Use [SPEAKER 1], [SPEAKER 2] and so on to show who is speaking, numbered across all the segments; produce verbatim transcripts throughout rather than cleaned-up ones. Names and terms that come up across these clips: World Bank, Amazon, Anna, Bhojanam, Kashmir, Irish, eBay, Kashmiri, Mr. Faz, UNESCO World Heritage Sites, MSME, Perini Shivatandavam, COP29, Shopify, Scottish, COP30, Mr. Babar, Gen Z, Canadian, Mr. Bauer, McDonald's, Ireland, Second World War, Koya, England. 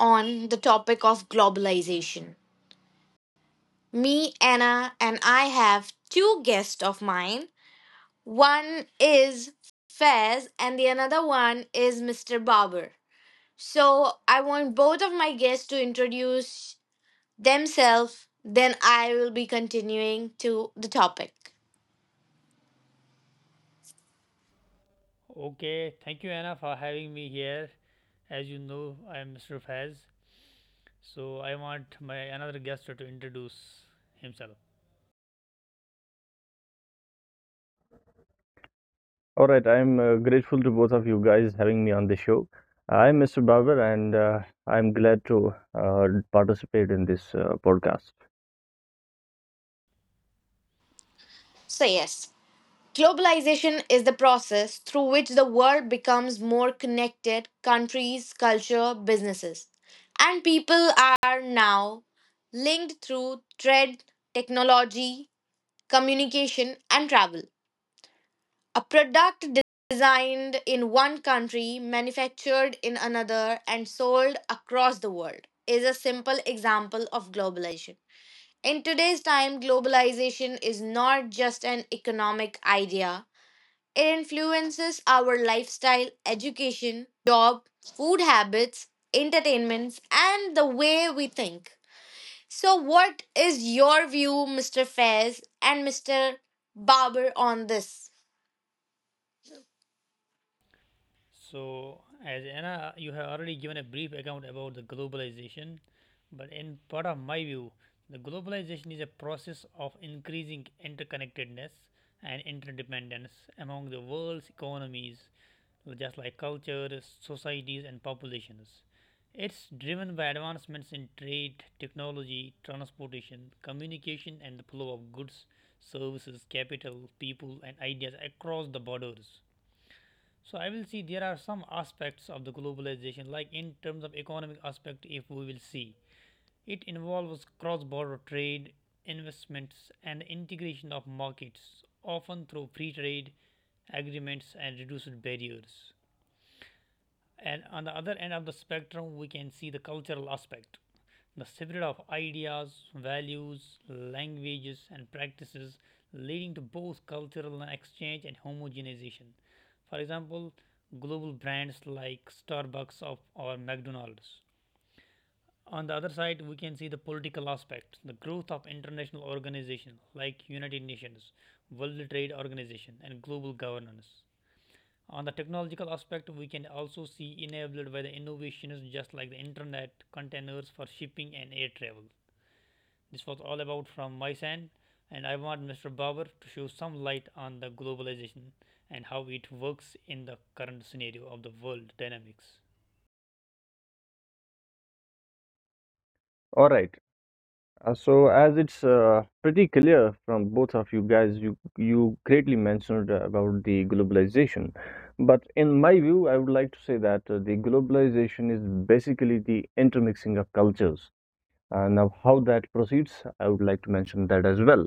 [SPEAKER 1] On the topic of globalization, me, Anna, and I have two guests of mine. One is Fez, and the another one is mister Barber. So, I want both of my guests to introduce themselves, then I will be continuing to the topic.
[SPEAKER 2] Okay, thank you Anna for having me here. As you know, I am Mister Faz. So I want my another guest to introduce himself.
[SPEAKER 3] All right, I'm uh, grateful to both of you guys having me on the show. I'm Mister Barber, and uh, I'm glad to uh, participate in this uh, podcast.
[SPEAKER 1] So, yes. Globalization is the process through which the world becomes more connected, countries, culture, businesses. And people are now linked through trade, technology, communication, and travel. A product designed in one country, manufactured in another, and sold across the world is a simple example of globalization. In today's time, globalization is not just an economic idea, it influences our lifestyle, education, job, food habits, entertainments, and the way we think. So, what is your view, mister Fairs and mister Barber, on this?
[SPEAKER 2] So as Anna, you have already given a brief account about the globalization, but in part of my view, the globalization is a process of increasing interconnectedness and interdependence among the world's economies just like cultures, societies, and populations. It's driven by advancements in trade, technology, transportation, communication, and the flow of goods, services, capital, people, and ideas across the borders. So I will see there are some aspects of the globalization, like in terms of economic aspect, if we will see. It involves cross-border trade, investments, and integration of markets, often through free trade agreements and reduced barriers. And on the other end of the spectrum, we can see the cultural aspect, the spirit of ideas, values, languages, and practices, leading to both cultural exchange and homogenization. For example, global brands like Starbucks or McDonald's. On the other side, we can see the political aspect, the growth of international organizations like United Nations, World Trade Organization, and global governance. On the technological aspect, we can also see enabled by the innovations just like the internet, containers for shipping and air travel. This was all about from my side, and I want Mister Bauer to show some light on the globalization and how it works in the current scenario of the world dynamics.
[SPEAKER 3] All right, uh, so as it's uh, pretty clear from both of you guys, you you greatly mentioned about the globalization, but in my view, I would like to say that uh, the globalization is basically the intermixing of cultures. Uh, now, how that proceeds, I would like to mention that as well.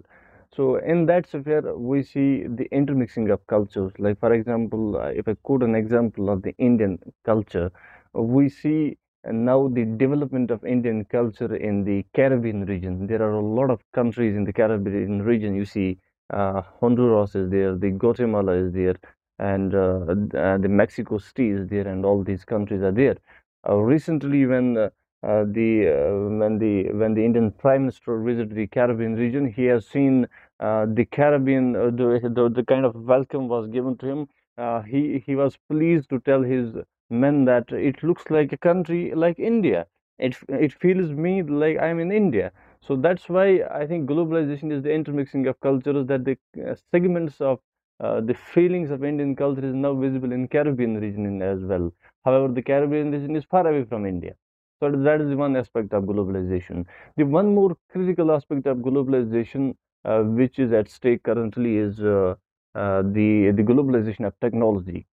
[SPEAKER 3] So, in that sphere, we see the intermixing of cultures. Like, for example, uh, if I quote an example of the Indian culture, we see uh, now the development of Indian culture in the Caribbean region. There are a lot of countries in the Caribbean region. You see, uh, Honduras is there, the Guatemala is there, and uh, uh, the Mexico City is there, and all these countries are there. Uh, recently, when uh, uh, the uh, when the when the Indian Prime Minister visited the Caribbean region, he has seen uh, the Caribbean uh, the, the the kind of welcome was given to him. Uh, he he was pleased to tell his men that it looks like a country like India. It it feels me like I'm in India. So that's why I think globalization is the intermixing of cultures, that the uh, segments of uh, the feelings of Indian culture is now visible in Caribbean region as well. However, the Caribbean region is far away from India. So that is one aspect of globalization. The one more critical aspect of globalization, uh, which is at stake currently, is uh, uh, the the globalization of technology.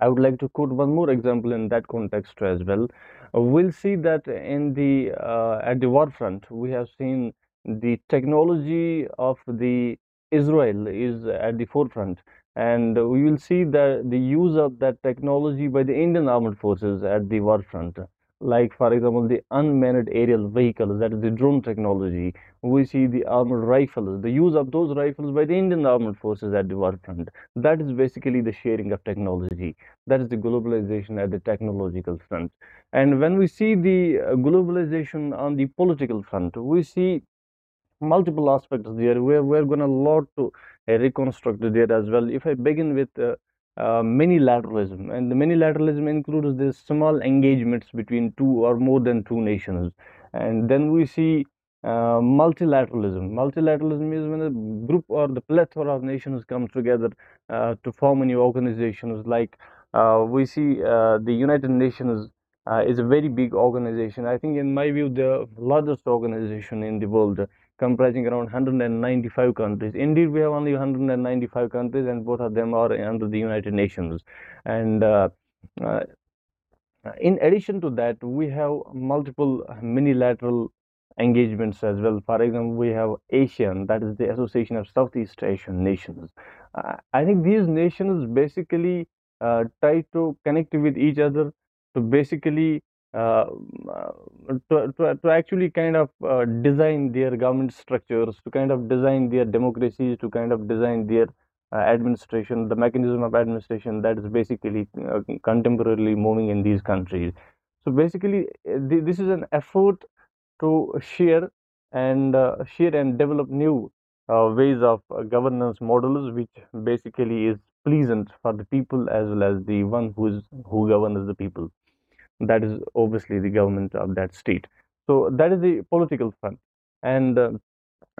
[SPEAKER 3] I would like to quote one more example in that context as well. Uh, We'll see that in the uh, at the war front, we have seen the technology of the Israel is at the forefront, and we will see the the use of that technology by the Indian armed forces at the war front. Like for example, the unmanned aerial vehicles, that is the drone technology. We see the armored rifles, the use of those rifles by the Indian armed forces at the war front. That is basically the sharing of technology, that is the globalization at the technological front. And when we see the uh, globalization on the political front, we see multiple aspects there. We're, we're going to lot to uh, reconstruct there as well. If I begin with uh, uh, many lateralism, and the many lateralism includes this small engagements between two or more than two nations. And then we see uh, multilateralism. Multilateralism is when a group or the plethora of nations come together uh, to form new organizations, like uh, we see uh, the United Nations uh, is a very big organization. I think in my view, the largest organization in the world, comprising around one hundred ninety-five countries. Indeed, we have only one hundred ninety-five countries, and both of them are under the United Nations. And uh, uh, uh, in addition to that, we have multiple minilateral engagements as well. For example, we have ASEAN, that is the Association of Southeast Asian Nations. Uh, I think these nations basically uh, try to connect with each other to basically uh, uh, to, to, to actually kind of uh, design their government structures, to kind of design their democracies, to kind of design their uh, administration, the mechanism of administration that is basically uh, contemporarily moving in these countries. So basically, uh, th- this is an effort to share and uh, share and develop new uh, ways of uh, governance models, which basically is pleasant for the people as well as the one who is who governs the people. That is obviously the government of that state. So that is the political front, and uh,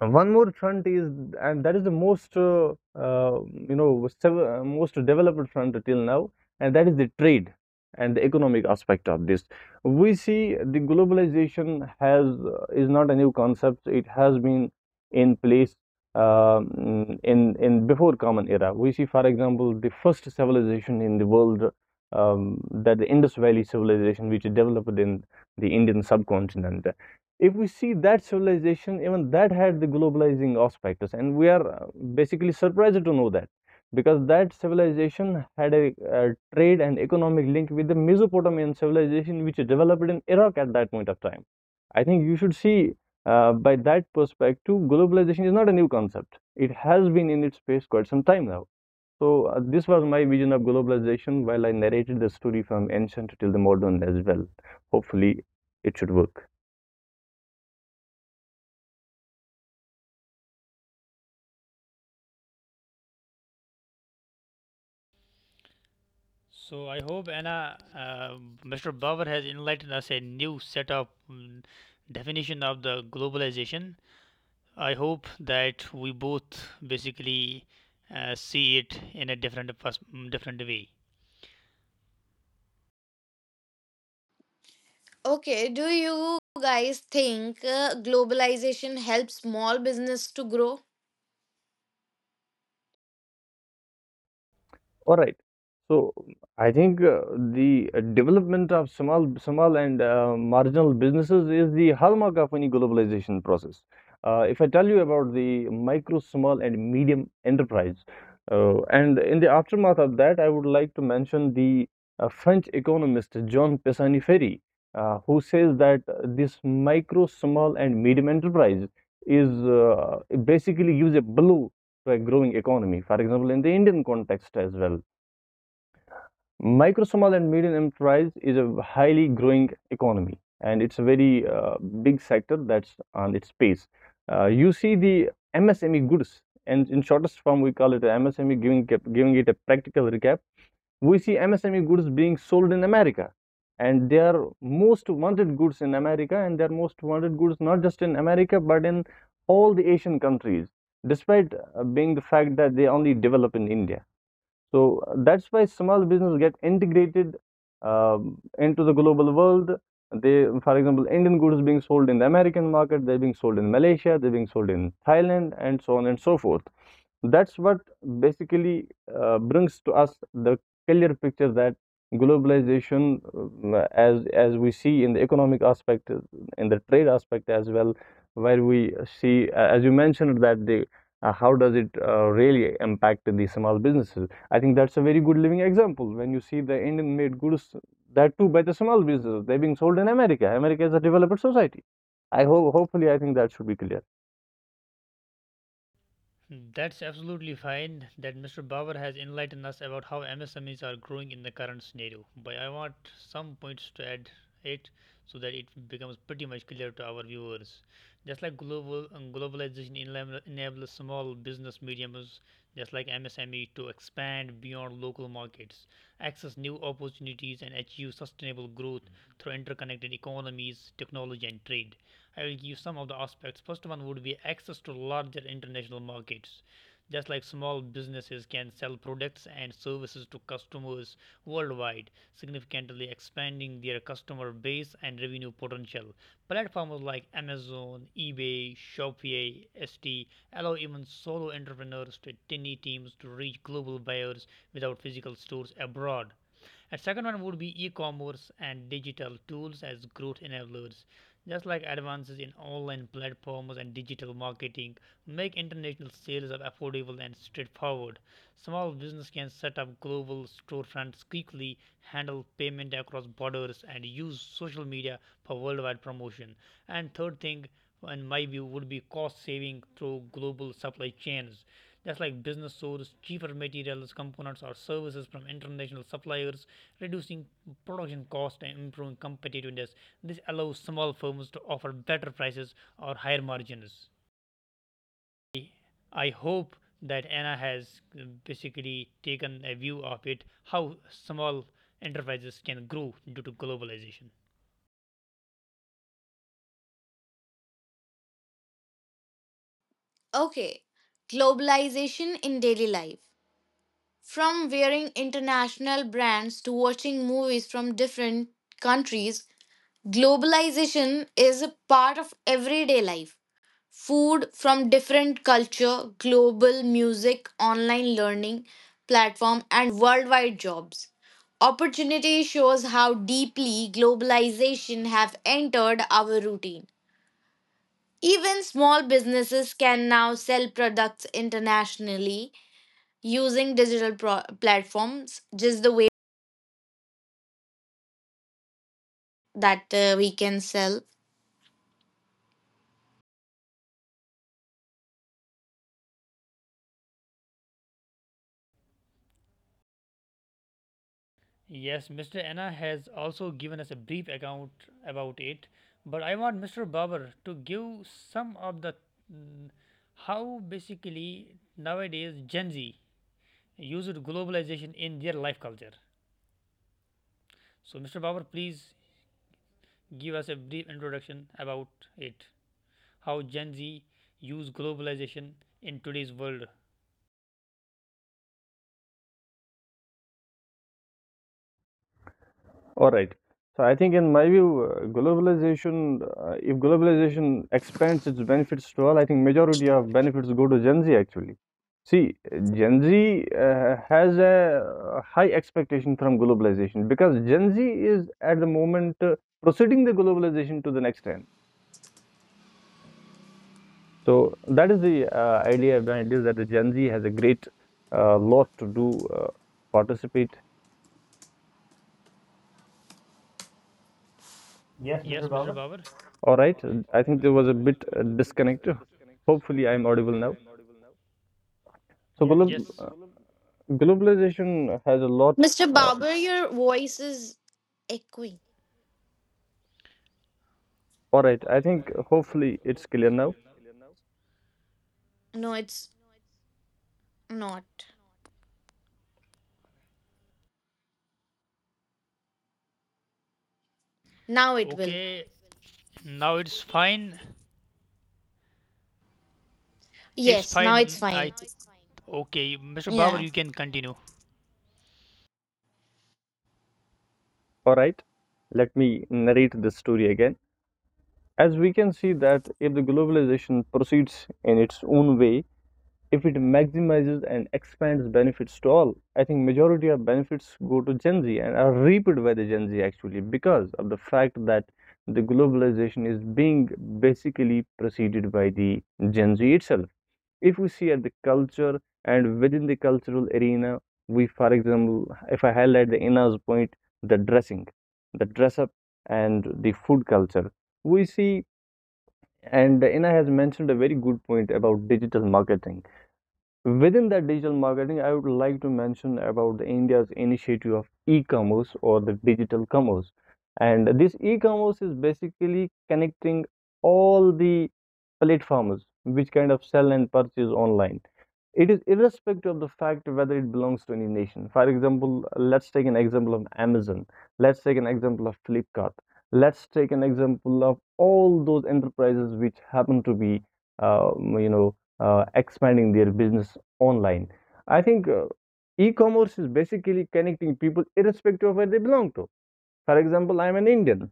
[SPEAKER 3] one more front is, and that is the most, uh, uh, you know, uh, most developed front till now, and that is the trade and the economic aspect of this. We see the globalization has uh, is not a new concept. It has been in place um, in in before common era. We see, for example, the first civilization in the world, um, that the Indus Valley civilization, which developed in the Indian subcontinent. If we see that civilization, even that had the globalizing aspects, and we are uh, basically surprised to know that, because that civilization had a uh trade and economic link with the Mesopotamian civilization, which developed in Iraq at that point of time. I think you should see uh, by that perspective, globalization is not a new concept. It has been in its space quite some time now. So uh, this was my vision of globalization, while I narrated the story from ancient till the modern as well. Hopefully, it should work.
[SPEAKER 2] So I hope Anna, uh, Mister Bauer has enlightened us a new set of mm, definition of the globalization. I hope that we both basically uh, see it in a different pers- different way.
[SPEAKER 1] Okay, do you guys think uh, globalization helps small business to grow?
[SPEAKER 3] All right. So I think uh, the uh, development of small, small and uh, marginal businesses is the hallmark of any globalization process. Uh, if I tell you about the micro, small, and medium enterprise, uh, and in the aftermath of that, I would like to mention the uh, French economist John Pisani-Ferry, uh, who says that this micro, small, and medium enterprise is uh, basically gives a blow to a growing economy. For example, in the Indian context as well, micro, small, and medium enterprise is a highly growing economy, and it's a very uh, big sector that's on its pace. Uh, you see the M S M E goods, and in shortest form, we call it M S M E. Giving giving it a practical recap, we see M S M E goods being sold in America, and they are most wanted goods in America, and they're most wanted goods not just in America but in all the Asian countries, despite uh, being the fact that they only develop in India. So uh, that's why small business get integrated um, into the global world. They, for example, Indian goods being sold in the American market, they're being sold in Malaysia, they're being sold in Thailand, and so on and so forth. That's what basically uh, brings to us the clear picture that globalization, um, as as we see in the economic aspect, uh, in the trade aspect as well, where we see, uh, as you mentioned, that the uh, how does it uh, really impact the small businesses? I think that's a very good living example. When you see the Indian-made goods, that too by the small businesses, they're being sold in America. America is a developed society. I hope, hopefully, I think that should be clear.
[SPEAKER 2] Hmm, that's absolutely fine that Mister Bauer has enlightened us about how M S M Es are growing in the current scenario. But I want some points to add it so that it becomes pretty much clear to our viewers. Just like global um, globalization enable- enables small business mediums, just like M S M E, to expand beyond local markets, access new opportunities, and achieve sustainable growth through interconnected economies, technology, and trade. I will give some of the aspects. First one would be access to larger international markets. Just like small businesses can sell products and services to customers worldwide, significantly expanding their customer base and revenue potential. Platforms like Amazon, eBay, Shopify, Etsy allow even solo entrepreneurs to tiny teams to reach global buyers without physical stores abroad. And second one would be e-commerce and digital tools as growth enablers. Just like advances in online platforms and digital marketing make international sales of affordable and straightforward. Small business can set up global storefronts quickly, handle payment across borders, and use social media for worldwide promotion. And third thing, in my view, would be cost saving through global supply chains. Just like business source cheaper materials, components, or services from international suppliers, reducing production cost and improving competitiveness. This allows small firms to offer better prices or higher margins. I hope that Anna has uh, basically taken a view of it how small enterprises can grow due to globalization.
[SPEAKER 1] Okay, globalization in daily life. From wearing international brands to watching movies from different countries, globalization is a part of everyday life. Food from different culture, global music, online learning platform and worldwide jobs. Opportunity shows how deeply globalization have entered our routine. Even small businesses can now sell products internationally using digital pro- platforms just the way that uh, we can sell.
[SPEAKER 2] Yes, Mister Anna has also given us a brief account about it, but I want Mister Babar to give some of the mm, how basically nowadays Gen Z uses globalization in their life culture. So, Mister Babar, please give us a brief introduction about it. How Gen Z use globalization in today's world.
[SPEAKER 3] All right. So I think in my view, uh, globalization, uh, if globalization expands its benefits to all, I think majority of benefits go to Gen Z actually. See, Gen Z uh, has a uh, high expectation from globalization because Gen Z is at the moment uh, proceeding the globalization to the next end. So that is the uh, idea behind this, that the Gen Z has a great uh, lot to do uh, to participate.
[SPEAKER 2] Yes, Mister Babar.
[SPEAKER 3] All right. I think there was a bit uh, disconnect. Hopefully, I'm audible now. So yeah. Glob
[SPEAKER 2] Yes.
[SPEAKER 3] uh, globalization has a lot.
[SPEAKER 1] mister
[SPEAKER 3] Uh,
[SPEAKER 1] Barber, your voice is echoing.
[SPEAKER 3] all right, I think hopefully it's clear now.
[SPEAKER 1] No, it's not. Now it will.
[SPEAKER 2] Okay, now it's fine. It's
[SPEAKER 1] Yes, now it's
[SPEAKER 2] fine. I
[SPEAKER 1] fine.
[SPEAKER 2] Okay, Mister Babar,
[SPEAKER 1] Yeah.
[SPEAKER 2] you can continue.
[SPEAKER 3] All right, let me narrate this story again. As we can see that if the globalization proceeds in its own way, if it maximizes and expands benefits to all, I think majority of benefits go to Gen Z and are reaped by the Gen Z actually, because of the fact that the globalization is being basically preceded by the Gen Z itself. If we see at the culture and within the cultural arena, we, for example, if I highlight the Ina's point, the dressing, the dress up, and the food culture, we see, and Ina has mentioned a very good point about digital marketing. Within that digital marketing, I would like to mention about India's initiative of e-commerce or the digital commerce. And this e-commerce is basically connecting all the platforms which kind of sell and purchase online. It is irrespective of the fact whether it belongs to any nation. For example, let's take an example of Amazon. Let's take an example of Flipkart. Let's take an example of all those enterprises which happen to be, uh, you know, uh, expanding their business online. I think uh, e-commerce is basically connecting people irrespective of where they belong to. For example, I'm an Indian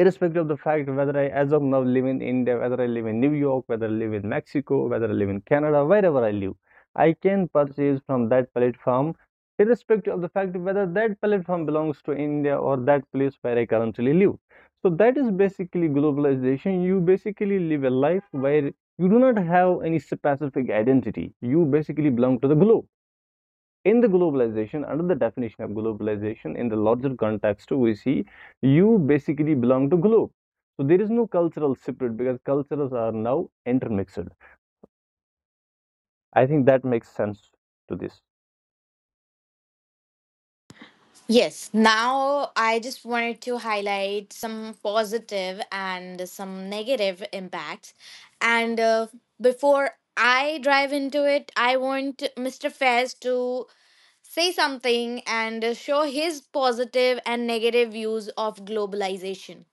[SPEAKER 3] irrespective of the fact whether I, as of now, live in India, whether I live in New York, whether I live in Mexico, whether I live in Canada, wherever I live, I can purchase from that platform, irrespective of the fact whether that platform belongs to India or that place where I currently live. So that is basically globalization. You basically live a life where you do not have any specific identity. You basically belong to the globe. In the globalization, under the definition of globalization in the larger context, we see you basically belong to globe, so there is no cultural separate because cultures are now intermixed. I think that makes sense to this.
[SPEAKER 1] Yes, now I just wanted to highlight some positive and some negative impacts. And uh, before I dive into it, I want mister Fez to say something and uh, show his positive and negative views of globalization.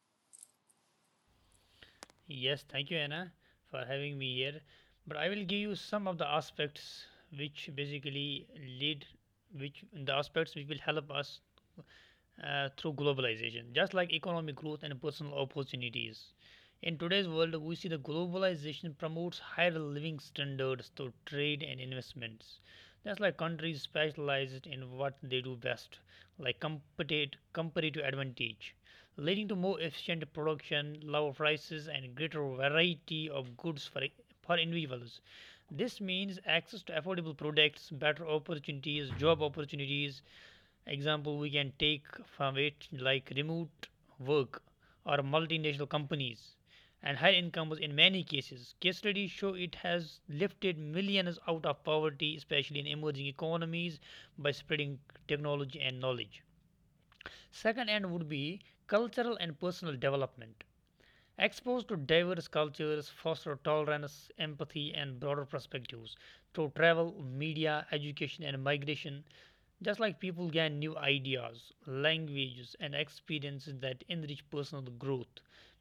[SPEAKER 2] Yes, thank you, Anna, for having me here. But I will give you some of the aspects which basically lead, which the aspects which will help us uh, through globalization, just like economic growth and personal opportunities. In today's world, we see the globalization promotes higher living standards through trade and investments. Just like countries specialize in what they do best, like competi- comparative advantage leading to more efficient production, lower prices, and greater variety of goods for, for individuals. This means access to affordable products, better opportunities, job opportunities. Example we can take from it like remote work or multinational companies and high incomes in many cases. Case studies show it has lifted millions out of poverty, especially in emerging economies, by spreading technology and knowledge. Second end would be cultural and personal development. Exposed to diverse cultures foster tolerance, empathy, and broader perspectives through travel, media, education, and migration. Just like people gain new ideas, languages, and experiences that enrich personal growth,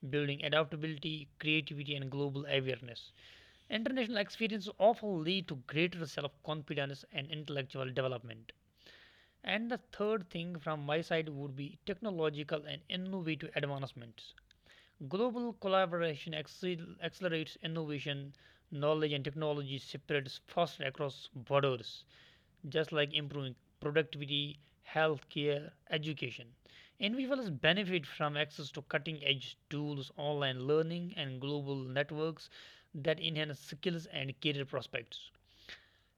[SPEAKER 2] building adaptability, creativity, and global awareness. International experiences often lead to greater self confidence and intellectual development. And the third thing from my side would be technological and innovative advancements. Global collaboration accel- accelerates innovation, knowledge, and technology spreads faster across borders, just like improving productivity, healthcare, education. Individuals benefit from access to cutting edge tools, online learning, and global networks that enhance skills and career prospects.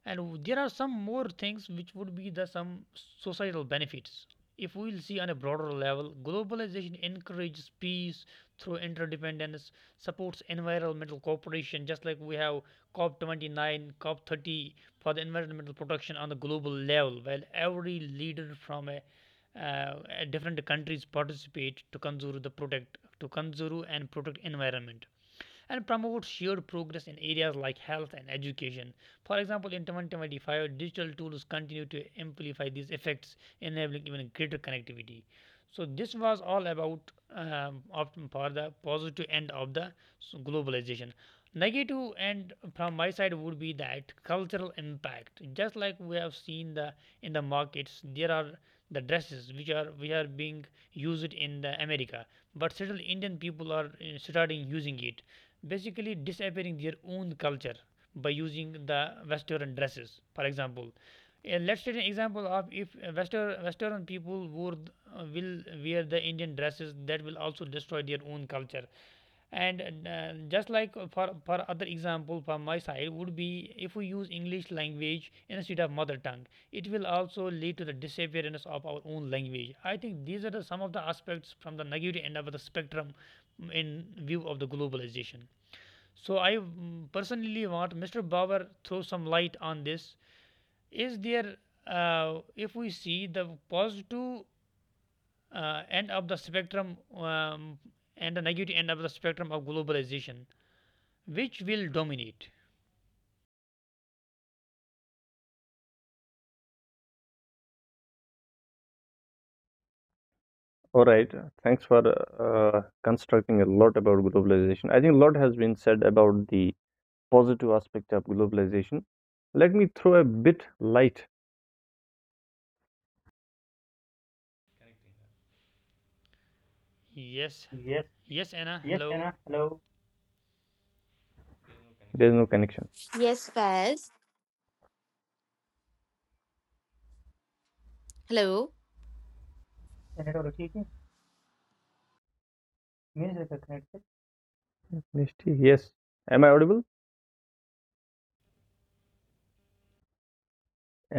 [SPEAKER 2] And there are some more things which would be the some societal benefits. If we'll see on a broader level, globalization encourages peace through interdependence, supports environmental cooperation, just like we have cop twenty-nine, cop thirty for the environmental protection on the global level, while every leader from a, uh, a different countries participate to conserve the protect to conserve and protect environment and promote shared progress in areas like health and education. For example, in twenty twenty-five, digital tools continue to amplify these effects, enabling even greater connectivity. So, this was all about um, opting for the positive end of the s- globalization. Negative end from my side would be that cultural impact. Just like we have seen the in the markets, there are the dresses which are which are being used in the America, but still Indian people are uh, starting using it basically disappearing their own culture by using the western dresses. For example, uh, let's take an example of if uh, western western people would uh, will wear the Indian dresses that will also destroy their own culture. And uh, just like for for other example from my side would be if we use English language instead of mother tongue, it will also lead to the disappearance of our own language. I think these are the, some of the aspects from the negative end of the spectrum, mm, in view of the globalization. So I mm, personally want Mister Bauer throw some light on this. Is there, uh, if we see the positive uh, end of the spectrum, um, and the negative end of the spectrum of globalization, which will dominate?
[SPEAKER 3] All right, thanks for uh, constructing a lot about globalization. I think a lot has been said about the positive aspect of globalization. Let me throw a bit light.
[SPEAKER 2] Yes, yes, Anna. Hello.
[SPEAKER 3] There is no connection.
[SPEAKER 1] Yes, Fez. Hello.
[SPEAKER 3] Yes, am I audible?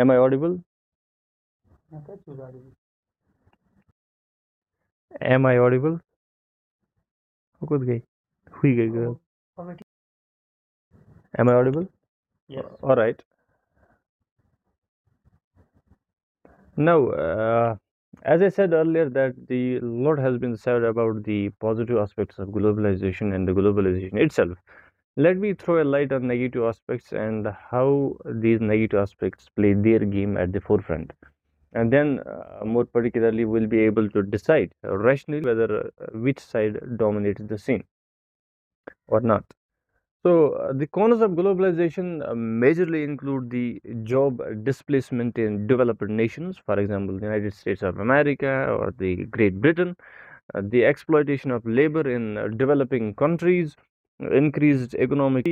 [SPEAKER 3] Am I audible? Am I audible? हो खुद गई हुई Am I audible? All right. Now, uh, as I said earlier, that the lot has been said about the positive aspects of globalization and the globalization itself. Let me throw a light on negative aspects and how these negative aspects play their game at the forefront. And then, uh, more particularly, we'll be able to decide rationally whether uh, which side dominates the scene or not. So, uh, the causes of globalization uh, majorly include the job displacement in developed nations, for example, the United States of America or the Great Britain, uh, the exploitation of labor in uh, developing countries, uh, increased economic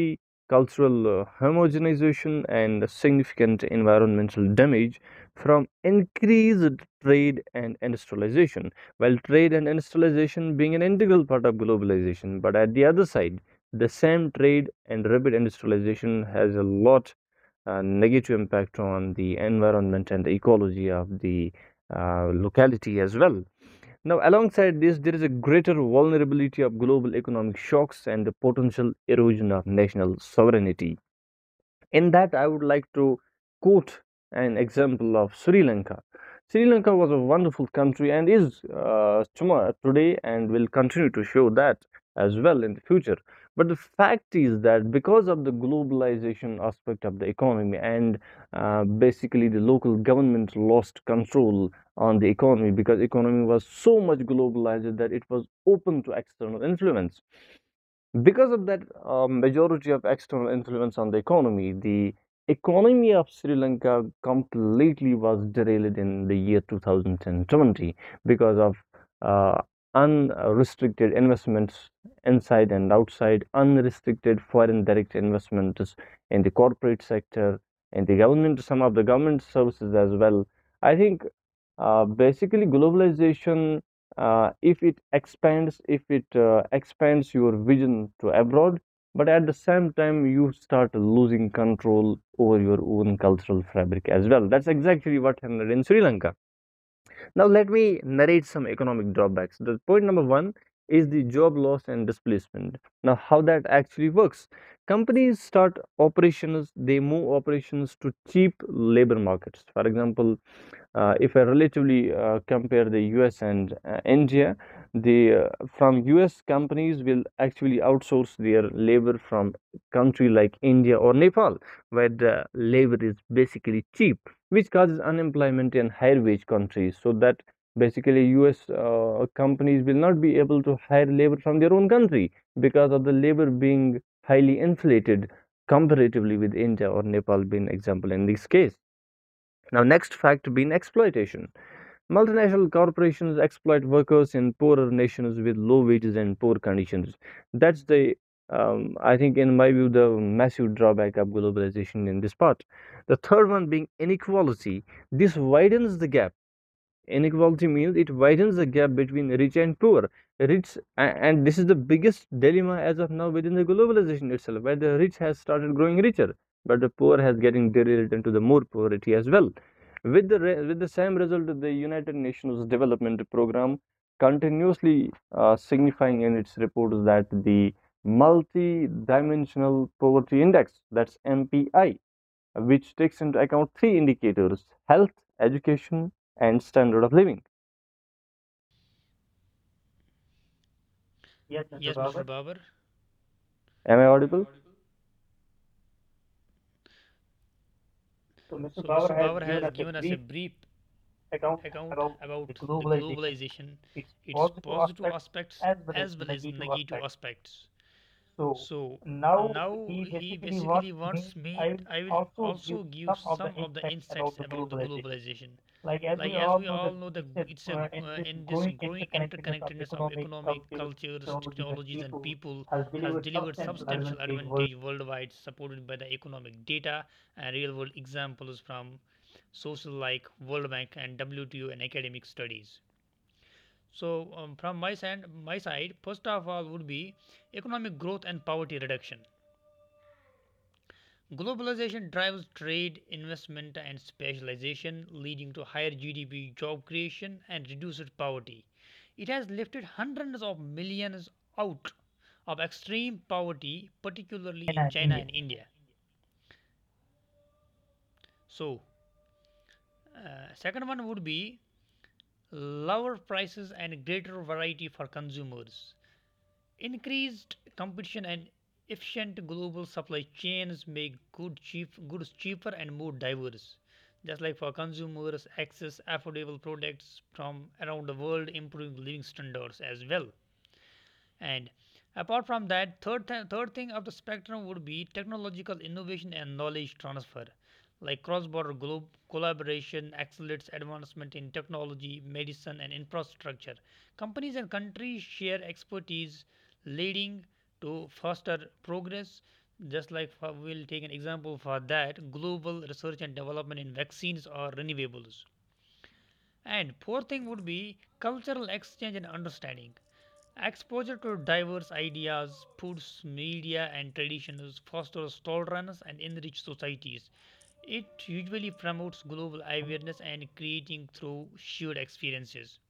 [SPEAKER 3] cultural uh, homogenization, and significant environmental damage from increased trade and industrialization. While trade and industrialization being an integral part of globalization, but at the other side, the same trade and rapid industrialization has a lot uh, negative impact on the environment and the ecology of the uh, locality as well. Now, alongside this, there is a greater vulnerability of global economic shocks and the potential erosion of national sovereignty. In that, I would like to quote an example of Sri Lanka. Sri Lanka was a wonderful country and is uh, tomorrow, today and will continue to show that as well in the future. But the fact is that because of the globalization aspect of the economy and, uh, basically, the local government lost control on the economy because economy was so much globalized that it was open to external influence. Because of that uh, majority of external influence on the economy, the economy of Sri Lanka completely was derailed in the year two thousand twenty because of uh, unrestricted investments inside and outside, unrestricted foreign direct investments in the corporate sector, in the government, some of the government services as well. I think, uh, basically, globalization, uh, if it expands, if it uh, expands your vision to abroad, but at the same time you start losing control over your own cultural fabric as well. That's exactly what happened in Sri Lanka. Now, let me narrate some economic drawbacks. The point number one is the job loss and displacement. Now, how that actually works. Companies start operations, they move operations to cheap labor markets. For example, uh, if I relatively uh, compare the U S and uh, India, the uh, from U S companies will actually outsource their labor from country like India or Nepal, where the labor is basically cheap, which causes unemployment in higher wage countries. So that basically US uh, companies will not be able to hire labor from their own country because of the labor being highly inflated comparatively with India or Nepal being an example in this case. Now, next fact being exploitation. Multinational corporations exploit workers in poorer nations with low wages and poor conditions. That's the, um, I think, in my view, the massive drawback of globalization in this part. The third one being inequality. This widens the gap. Inequality means it widens the gap between rich and poor. Rich, and this is the biggest dilemma as of now within the globalization itself, where the rich has started growing richer, but the poor has getting derived into the more poverty as well. With the with the same result, the United Nations Development Program continuously uh, signifying in its reports that the multi-dimensional poverty index, that's M P I, which takes into account three indicators: health, education, and standard of living.
[SPEAKER 2] Yes, Mister Bauer.
[SPEAKER 3] Am I audible?
[SPEAKER 2] So Mister Bauer has given us a brief account about the globalization, its positive aspects as well as negative aspects. So now he basically wants me I will also give some of the insights about the globalization like as we all know that it's a uh, in this growing interconnectedness of economic cultures technologies and people has delivered substantial advantage worldwide supported by the economic data and real world examples from social like World Bank and W T O and academic studies. So um, from my side my side first of all would be economic growth and poverty reduction. Globalization drives trade, investment, and specialization, leading to higher G D P, job creation, and reduced poverty. It has lifted hundreds of millions out of extreme poverty, particularly in China and India. So, uh, second one would be lower prices and greater variety for consumers. Increased competition and efficient global supply chains make good cheap goods cheaper and more diverse. Just like for consumers, access affordable products from around the world, improving living standards as well. And apart from that, third th- third thing of the spectrum would be technological innovation and knowledge transfer, like cross-border glo- collaboration accelerates advancement in technology, medicine, and infrastructure. Companies and countries share expertise, leading to faster progress. Just like for- we'll take an example for that, global research and development in vaccines or renewables. And fourth thing would be cultural exchange and understanding. Exposure to diverse ideas, foods, media, and traditions fosters tolerance and enrich societies. It usually promotes global awareness and creating through shared experiences.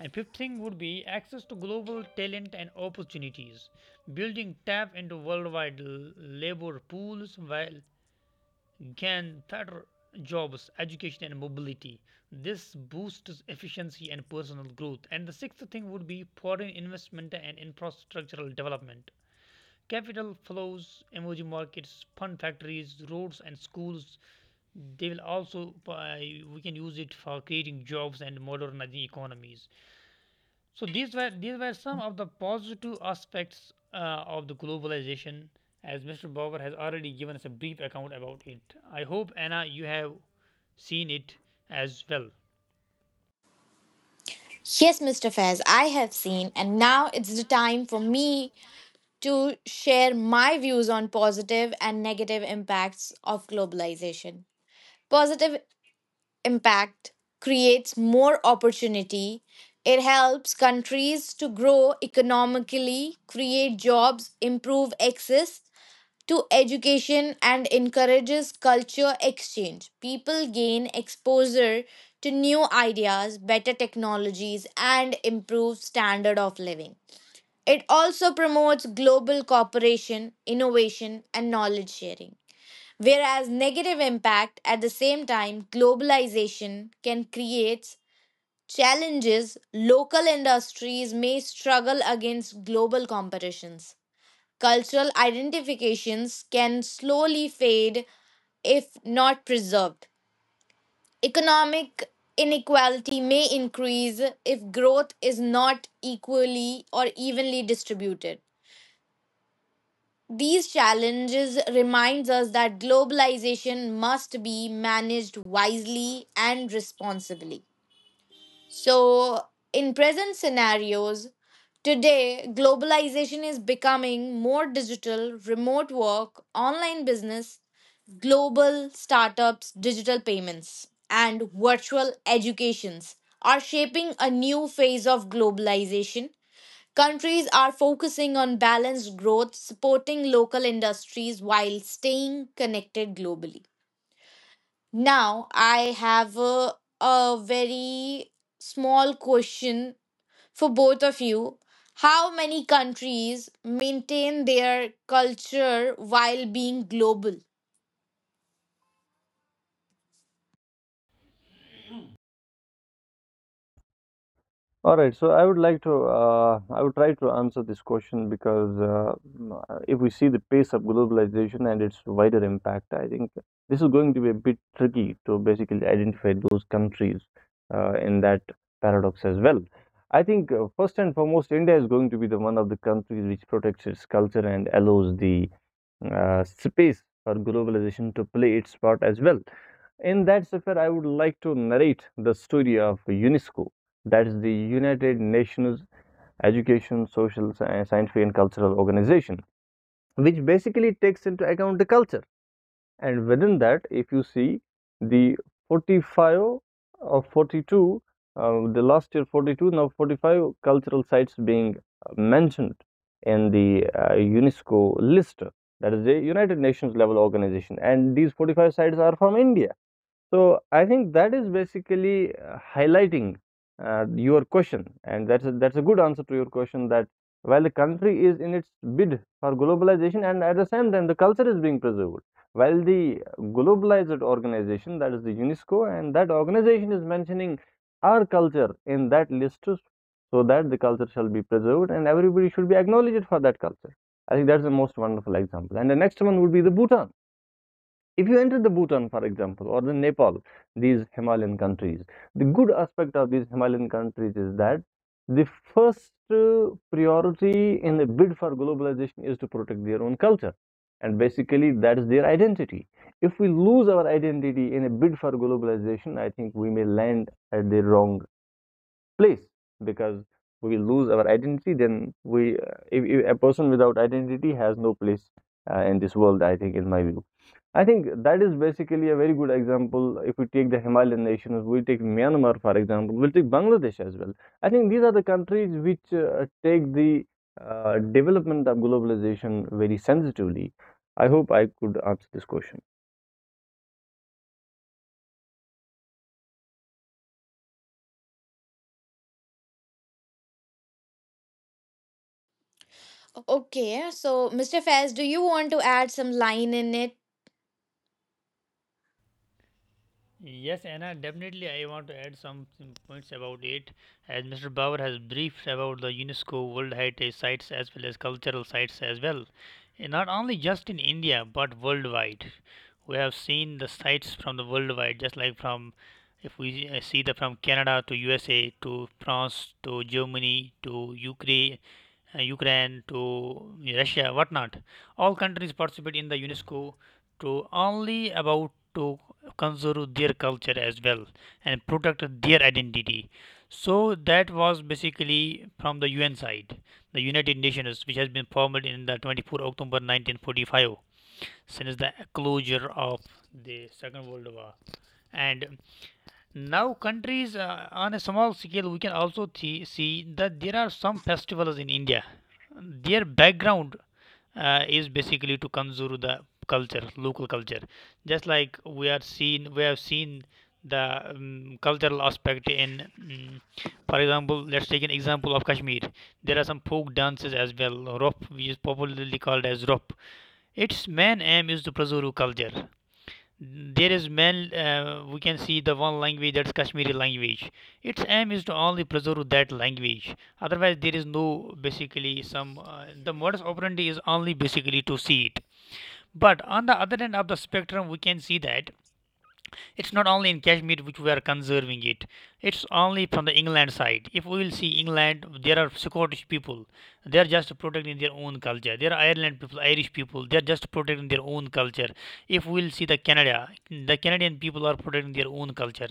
[SPEAKER 2] And fifth thing would be access to global talent and opportunities. Building tap into worldwide l- labor pools while gain better jobs, education, and mobility. This boosts efficiency and personal growth. And the sixth thing would be foreign investment and infrastructural development. Capital flows, emerging markets, fund factories, roads, and schools. They will also, uh, we can use it for creating jobs and modernizing economies. So these were these were some of the positive aspects uh, of the globalization, as Mister Bauer has already given us a brief account about it. I hope Anna, you have seen it as well.
[SPEAKER 1] Yes, mister Fez, I have seen, and now it's the time for me to share my views on positive and negative impacts of globalization. Positive impact creates more opportunity. It helps countries to grow economically, create jobs, improve access to education and encourages culture exchange. People gain exposure to new ideas, better technologies, and improved standard of living. It also promotes global cooperation, innovation, and knowledge sharing. Whereas negative impact, at the same time, globalization can create challenges. Local industries may struggle against global competitions, cultural identifications can slowly fade if not preserved. Economic inequality may increase if growth is not equally or evenly distributed. These challenges reminds us that globalization must be managed wisely and responsibly. So, in present scenarios, today globalization is becoming more digital, remote work, online business, global startups, digital payments, and virtual educations are shaping a new phase of globalization. Countries are focusing on balanced growth, supporting local industries while staying connected globally. Now, I have a, a very small question for both of you. How many countries maintain their culture while being global?
[SPEAKER 3] All right, so I would like to uh, I would try to answer this question because uh, m- uh, if we see the pace of globalization and its wider impact, I think this is going to be a bit tricky to basically identify those countries uh, in that paradox as well. I think, uh, first and foremost, India is going to be the one of the countries which protects its culture and allows the uh, space for globalization to play its part as well. In that chapter, I would like to narrate the story of UNESCO, that is the United Nations Education, Social, Sci- Scientific, and Cultural Organization, which basically takes into account the culture. And within that, if you see the forty-five or forty-two, uh, the last year forty-two, now forty-five cultural sites being uh, mentioned in the uh, UNESCO list, that is the United Nations level organization. And these forty-five sites are from India. So I think that is basically uh, highlighting uh, your question, and that's a, that's a good answer to your question. That while the country is in its bid for globalization, and at the same time the culture is being preserved. While the globalized organization, that is the UNESCO, and that organization is mentioning our culture in that list, so that the culture shall be preserved, and everybody should be acknowledged for that culture. I think that's the most wonderful example. And the next one would be the Bhutan. If you enter the Bhutan, for example, or the Nepal, these Himalayan countries, the good aspect of these Himalayan countries is that the first uh, priority in the bid for globalization is to protect their own culture. And basically, that is their identity. If we lose our identity in a bid for globalization, I think we may land at the wrong place because we lose our identity. Then we, uh, if, if a person without identity has no place uh, in this world, I think, in my view. I think that is basically a very good example. If we take the Himalayan nations, we take Myanmar, for example, we'll take Bangladesh as well. I think these are the countries which uh, take the uh, development of globalization very sensitively. I hope I could answer this question.
[SPEAKER 1] Okay, so mister Fez, do you want to add some line in it?
[SPEAKER 2] Yes, Anna, definitely I want to add some some points about it. As Mister Bauer has briefed about the UNESCO World Heritage Sites as well as cultural sites as well. And not only just in India but worldwide. We have seen the sites from the worldwide, just like from if we uh, see the from Canada to U S A to France to Germany to Ukraine, uh, Ukraine to Russia, whatnot. All countries participate in the UNESCO to only about to conserve their culture as well and protect their identity. So that was basically from the U N side, the United Nations, which has been formed in the twenty-fourth October nineteen forty-five since the closure of the Second World War. And now, countries uh, on a small scale, we can also thi- see that there are some festivals in India. Their background uh, is basically to conserve the culture, local culture. Just like we are seen, we have seen the um, cultural aspect in, mm, for example, let's take an example of Kashmir. There are some folk dances as well. Rop, which is popularly called as rop. Its main aim is to preserve culture. There is man, uh, we can see the one language, that's Kashmiri language. Its aim is to only preserve that language. Otherwise, there is no basically some. Uh, the modus operandi is only basically to see it. But on the other end of the spectrum, we can see that it's not only in Kashmir which we are conserving it. It's only from the England side. If we will see England, there are Scottish people. They are just protecting their own culture. There are Ireland people, Irish people. They are just protecting their own culture. If we will see the Canada, the Canadian people are protecting their own culture.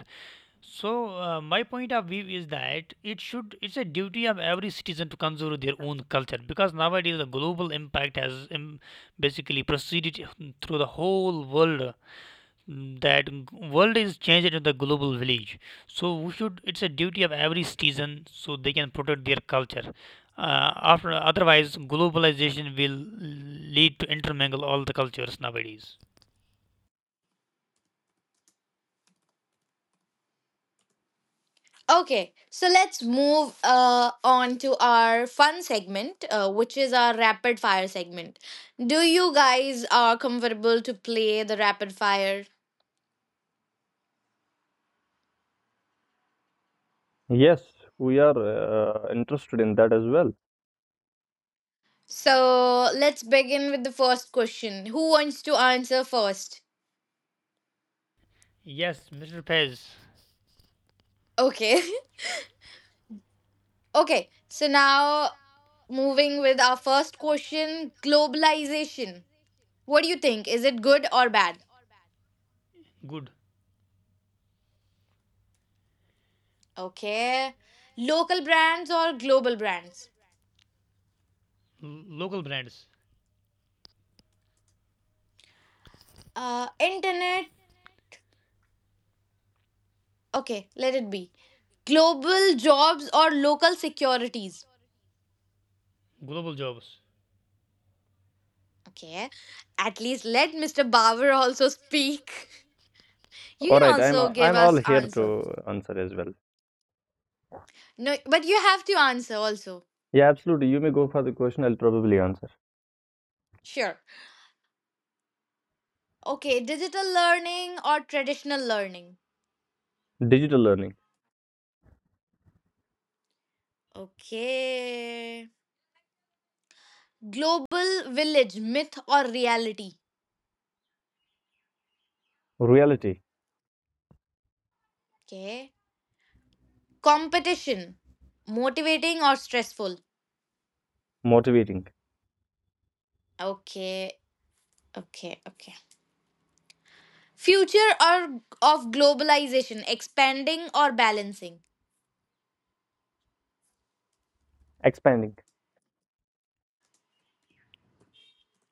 [SPEAKER 2] So uh, my point of view is that it should it's a duty of every citizen to conserve their own culture, because nowadays the global impact has um, basically proceeded through the whole world, mm, that g- world is changed into the global village. So we should it's a duty of every citizen so they can protect their culture. Uh, after, otherwise, globalization will lead to intermingle all the cultures nowadays.
[SPEAKER 1] Okay, so let's move uh, on to our fun segment, uh, which is our rapid fire segment. Do you guys are comfortable to play the rapid fire?
[SPEAKER 3] Yes, we are uh, interested in that as well.
[SPEAKER 1] So let's begin with the first question. Who wants to answer first?
[SPEAKER 2] Yes, Mr. Pez.
[SPEAKER 1] Okay. Okay. So now moving with our first question, globalization. What do you think? Is it good or bad?
[SPEAKER 2] Good.
[SPEAKER 1] Okay. Local brands or global brands?
[SPEAKER 2] L- local brands,
[SPEAKER 1] Uh, internet. Okay. Let it be. Global jobs or local securities?
[SPEAKER 2] global jobs.
[SPEAKER 1] Okay. At least let mister Bauer also speak. You
[SPEAKER 3] All
[SPEAKER 1] can
[SPEAKER 3] right, I'm
[SPEAKER 1] also give
[SPEAKER 3] I'm all
[SPEAKER 1] us
[SPEAKER 3] here
[SPEAKER 1] answer.
[SPEAKER 3] to answer as well.
[SPEAKER 1] No, but you have to answer also.
[SPEAKER 3] Yeah, absolutely. You may go for the question. I'll probably answer.
[SPEAKER 1] Sure. Okay, digital learning or traditional learning?
[SPEAKER 3] Digital learning,
[SPEAKER 1] Okay. Global village, myth or reality?
[SPEAKER 3] reality,
[SPEAKER 1] Okay. Competition, motivating or stressful?
[SPEAKER 3] motivating,
[SPEAKER 1] Okay. Okay, okay. Future or of globalization, expanding or balancing?
[SPEAKER 3] expanding,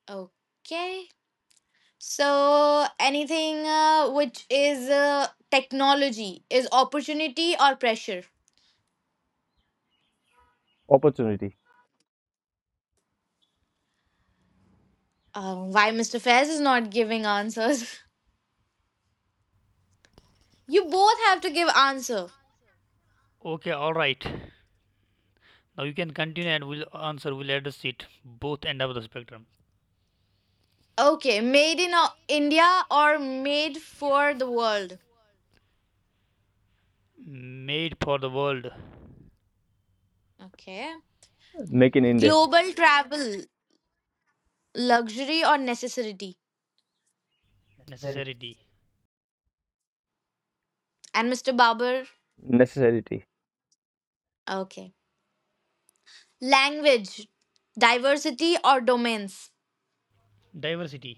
[SPEAKER 1] Okay. So anything uh, which is uh, technology, is opportunity or pressure?
[SPEAKER 3] opportunity,
[SPEAKER 1] Um, why mister Fez is not giving answers? You both have to give answer.
[SPEAKER 2] Okay, all right, now you can continue and we'll answer we'll address it. Both end of the spectrum,
[SPEAKER 1] Okay, made in uh, India or made for the world?
[SPEAKER 2] made for the world,
[SPEAKER 1] Okay.
[SPEAKER 3] make in India.
[SPEAKER 1] Global travel, luxury or necessity?
[SPEAKER 2] necessity,
[SPEAKER 1] And mister Babar?
[SPEAKER 3] Necessarity.
[SPEAKER 1] Okay. Language, diversity or domains?
[SPEAKER 2] diversity,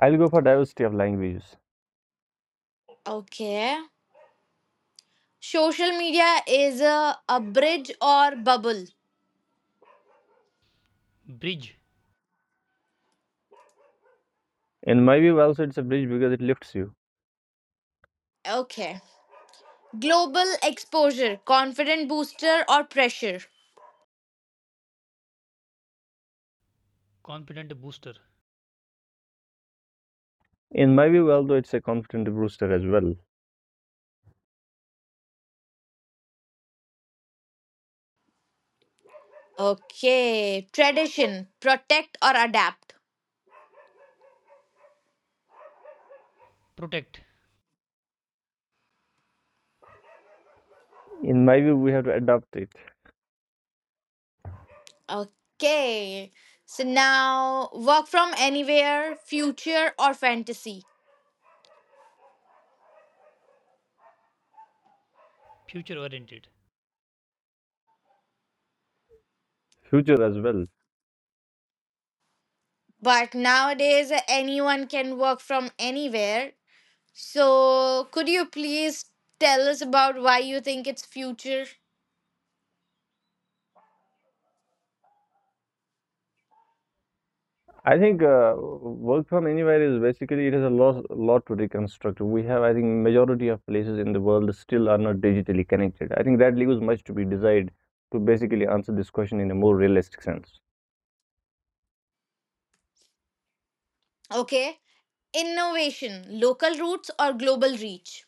[SPEAKER 3] I'll go for diversity of languages.
[SPEAKER 1] Okay. Social media is a, a bridge or bubble?
[SPEAKER 2] bridge,
[SPEAKER 3] In my view, also it's a bridge because it lifts you.
[SPEAKER 1] Okay. Global exposure, confident booster or pressure?
[SPEAKER 2] confident booster,
[SPEAKER 3] In my view, although it's a constant booster as well.
[SPEAKER 1] Okay, tradition, protect or adapt.
[SPEAKER 2] protect,
[SPEAKER 3] In my view, we have to adopt it.
[SPEAKER 1] Okay, so now work from anywhere, future or fantasy.
[SPEAKER 2] future oriented,
[SPEAKER 3] Future as well.
[SPEAKER 1] But nowadays, anyone can work from anywhere. So, could you please tell us about why you think it's future?
[SPEAKER 3] I think, uh, work from anywhere is basically it is a lot, lot to reconstruct. We have, I think, majority of places in the world still are not digitally connected. I think that leaves much to be desired to basically answer this question in a more realistic sense.
[SPEAKER 1] Okay, innovation, local roots or global reach.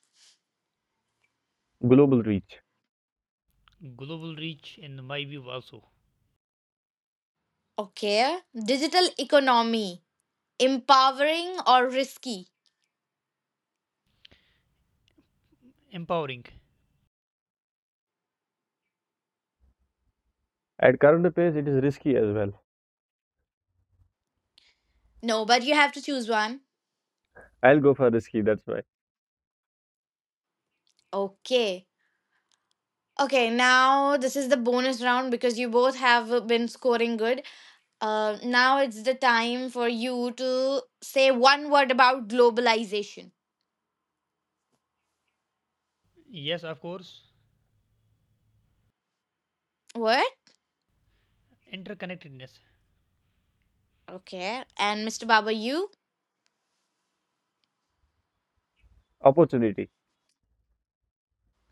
[SPEAKER 3] Global reach.
[SPEAKER 2] global reach in my view also,
[SPEAKER 1] Okay, digital economy, empowering or risky.
[SPEAKER 2] empowering,
[SPEAKER 3] At current pace, it is risky as well.
[SPEAKER 1] No, but you have to choose one.
[SPEAKER 3] I'll go for risky. That's why
[SPEAKER 1] Okay. Okay, now this is the bonus round because you both have been scoring good. Uh, now it's the time for you to say one word about globalization.
[SPEAKER 2] yes of course,
[SPEAKER 1] What?
[SPEAKER 2] interconnectedness,
[SPEAKER 1] Okay. And mister Baba, you?
[SPEAKER 3] opportunity.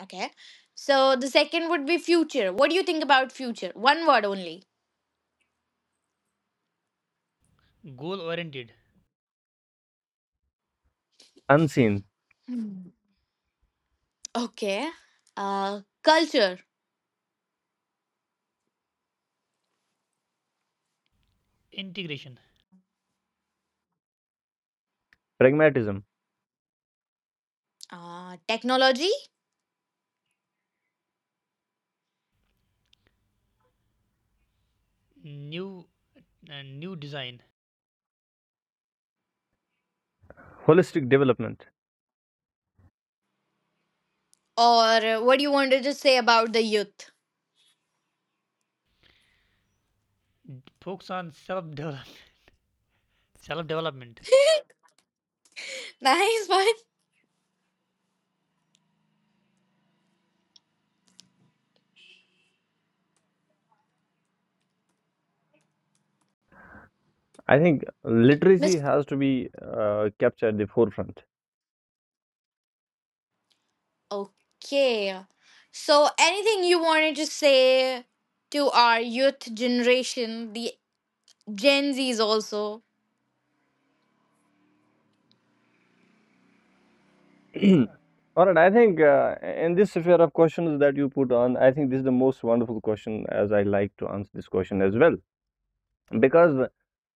[SPEAKER 1] Okay. So the second would be future. What do you think about future? One word only.
[SPEAKER 2] goal oriented,
[SPEAKER 3] Unseen
[SPEAKER 1] Hmm. Okay. Uh, culture,
[SPEAKER 2] integration,
[SPEAKER 3] pragmatism,
[SPEAKER 1] uh, technology,
[SPEAKER 2] new and new design,
[SPEAKER 3] holistic development.
[SPEAKER 1] or uh, what do you want to just say about the youth?
[SPEAKER 2] focus on self development, self development.
[SPEAKER 1] Nice one.
[SPEAKER 3] I think literacy
[SPEAKER 1] mister
[SPEAKER 3] has to be uh, kept at the forefront.
[SPEAKER 1] Okay. So, anything you wanted to say to our youth generation, the Gen Zs also?
[SPEAKER 3] All right, I think, uh, in this sphere of questions that you put on, I think this is the most wonderful question as I like to answer this question as well. Because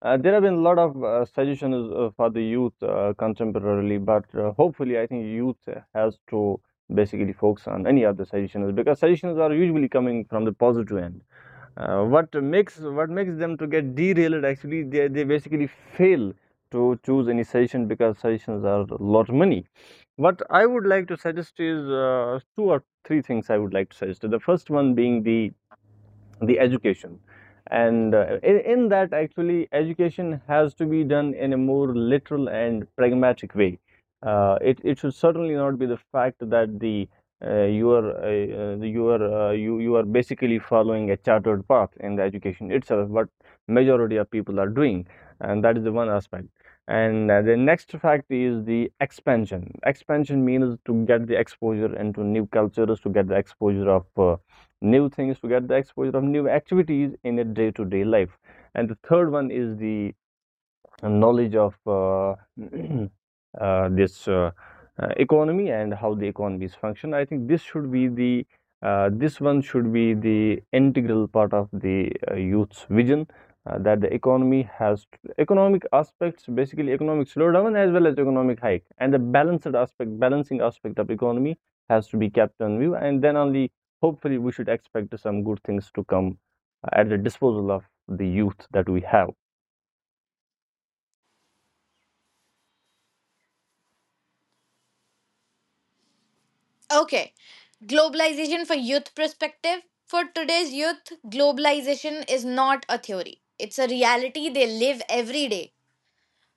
[SPEAKER 3] uh, there have been a lot of uh, suggestions uh, for the youth uh, contemporarily, but uh, hopefully, I think youth has to basically focus on any other suggestions, because suggestions are usually coming from the positive end. Uh, what makes what makes them to get derailed, actually they, they basically fail to choose any session because sessions are a lot of money. What I would like to suggest is, uh, two or three things I would like to suggest. The first one being the the education, and uh, in, in that, actually, education has to be done in a more literal and pragmatic way. Uh, it, it should certainly not be the fact that the uh, you are uh, uh, you are uh, you you are basically following a chartered path in the education itself, what majority of people are doing, and that is the one aspect. And, uh, the next fact is the expansion. Expansion means to get the exposure into new cultures, to get the exposure of uh, new things, to get the exposure of new activities in a day-to-day life. And the third one is the knowledge of uh, uh, this uh, uh, economy and how the economies function. I think this should be the uh, this one should be the integral part of the uh, youth's vision, uh, that the economy has economic aspects, basically economic slowdown as well as economic hike, and the balanced aspect, balancing aspect of economy has to be kept on view, and then only hopefully we should expect some good things to come uh, at the disposal of the youth that we have.
[SPEAKER 1] Okay. Globalization for youth perspective. For today's youth, globalization is not a theory, it's a reality they live every day.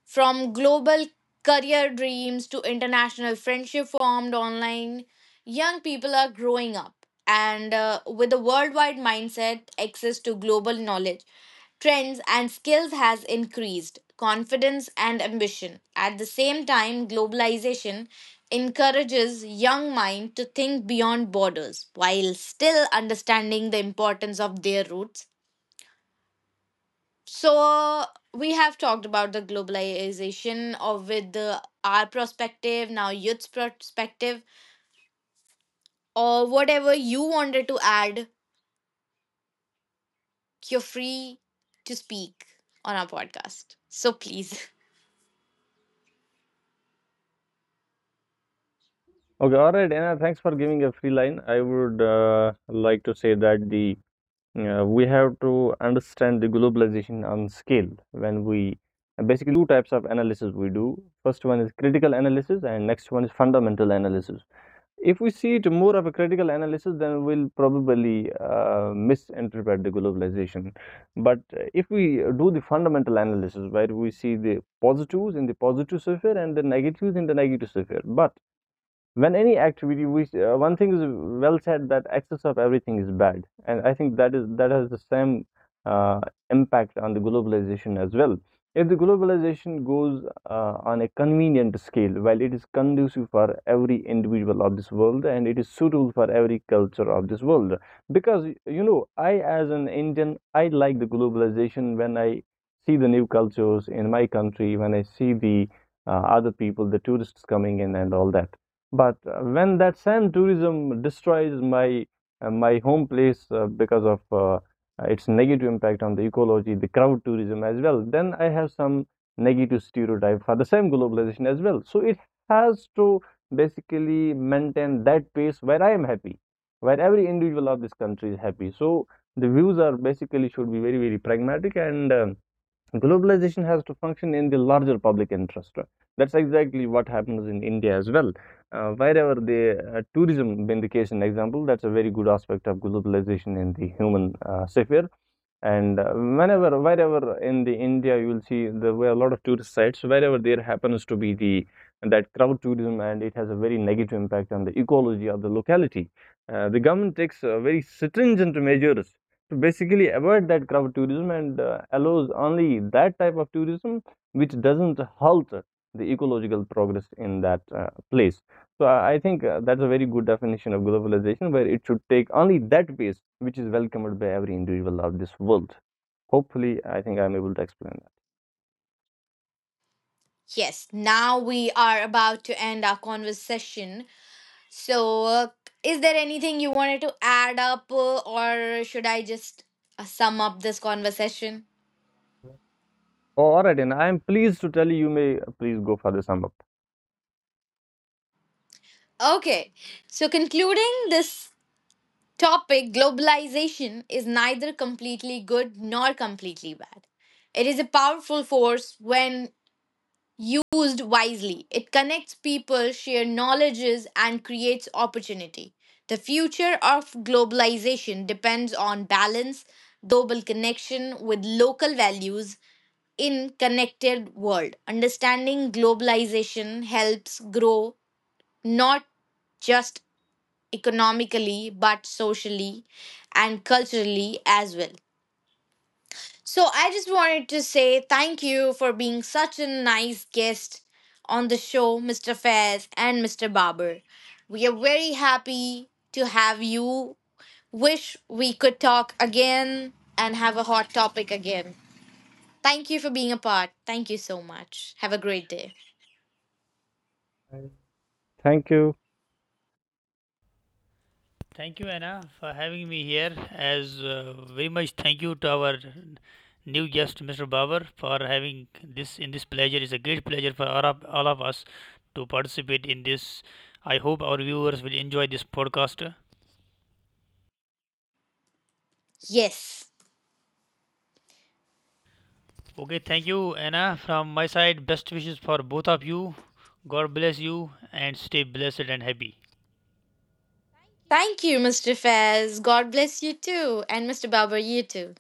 [SPEAKER 1] From global career dreams to international friendship formed online, young people are growing up. And uh, with a worldwide mindset, access to global knowledge, trends, and skills has increased confidence and ambition. At the same time, globalization encourages young mind to think beyond borders while still understanding the importance of their roots. So uh, we have talked about the globalization of with the, our perspective, now youth's perspective, or whatever you wanted to add. You're free to speak on our podcast. So please.
[SPEAKER 3] Okay, all right, Anna, thanks for giving a free line. I would uh, like to say that the uh, we have to understand the globalization on scale when we basically two types of analysis we do. First one is critical analysis, and next one is fundamental analysis. If we see it more of a critical analysis, then we'll probably uh, misinterpret the globalization. But uh, if we do the fundamental analysis, where we see the positives in the positive sphere and the negatives in the negative sphere. But when any activity we uh, one thing is well said that excess of everything is bad, and I think that is that has the same uh, impact on the globalization as well. If the globalization goes uh, on a convenient scale, while it is conducive for every individual of this world and it is suitable for every culture of this world. Because you know I, as an Indian, I like the globalization when I see the new cultures in my country, when I see the uh, other people, the tourists coming in and all that. But uh, when that same tourism destroys my uh, my home place uh, because of uh, its negative impact on the ecology, the crowd tourism as well, then I have some negative stereotype for the same globalization as well. So it has to basically maintain that pace where I am happy, where every individual of this country is happy. So the views are basically should be very very pragmatic, and um, globalization has to function in the larger public interest. That's exactly what happens in India as well. Uh, wherever the uh, tourism been the case in example, that's a very good aspect of globalization in the human uh, sphere. And uh, whenever wherever in the India, you will see there were a lot of tourist sites wherever there happens to be the that crowd tourism and it has a very negative impact on the ecology of the locality. Uh, the government takes uh, very stringent measures to basically avoid that crowd tourism and uh, allows only that type of tourism which doesn't halt the ecological progress in that uh, place. So I think, uh, that's a very good definition of globalization, where it should take only that pace which is welcomed by every individual of this world. Hopefully, I think I'm able to explain that.
[SPEAKER 1] Yes, now we are about to end our conversation. So, uh, is there anything you wanted to add up, uh, or should I just uh, sum up this conversation?
[SPEAKER 3] All right, and I'm pleased to tell you, you may uh, please go for the sum up.
[SPEAKER 1] Okay, so concluding this topic, globalization is neither completely good nor completely bad. It is a powerful force when used wisely. It connects people, shares knowledges, and creates opportunity. The future of globalization depends on balance, global connection with local values in connected world. Understanding globalization helps grow not just economically, but socially and culturally as well. So I just wanted to say thank you for being such a nice guest on the show, mister Fairs and mister Barber. We are very happy to have you. Wish we could talk again and have a hot topic again. Thank you for being a part. Thank you so much. Have a great day.
[SPEAKER 3] Thank you.
[SPEAKER 2] Thank you, Anna, for having me here. As uh, Very much thank you to our new guest, Mister Babar, for having this in this pleasure. It's a great pleasure for all of, all of us to participate in this. I hope our viewers will enjoy this podcast.
[SPEAKER 1] Yes.
[SPEAKER 2] Okay, thank you, Anna. From my side, best wishes for both of you. God bless you and stay blessed and happy.
[SPEAKER 1] Thank you, mister Fez. God bless you too. And mister Barber, you too.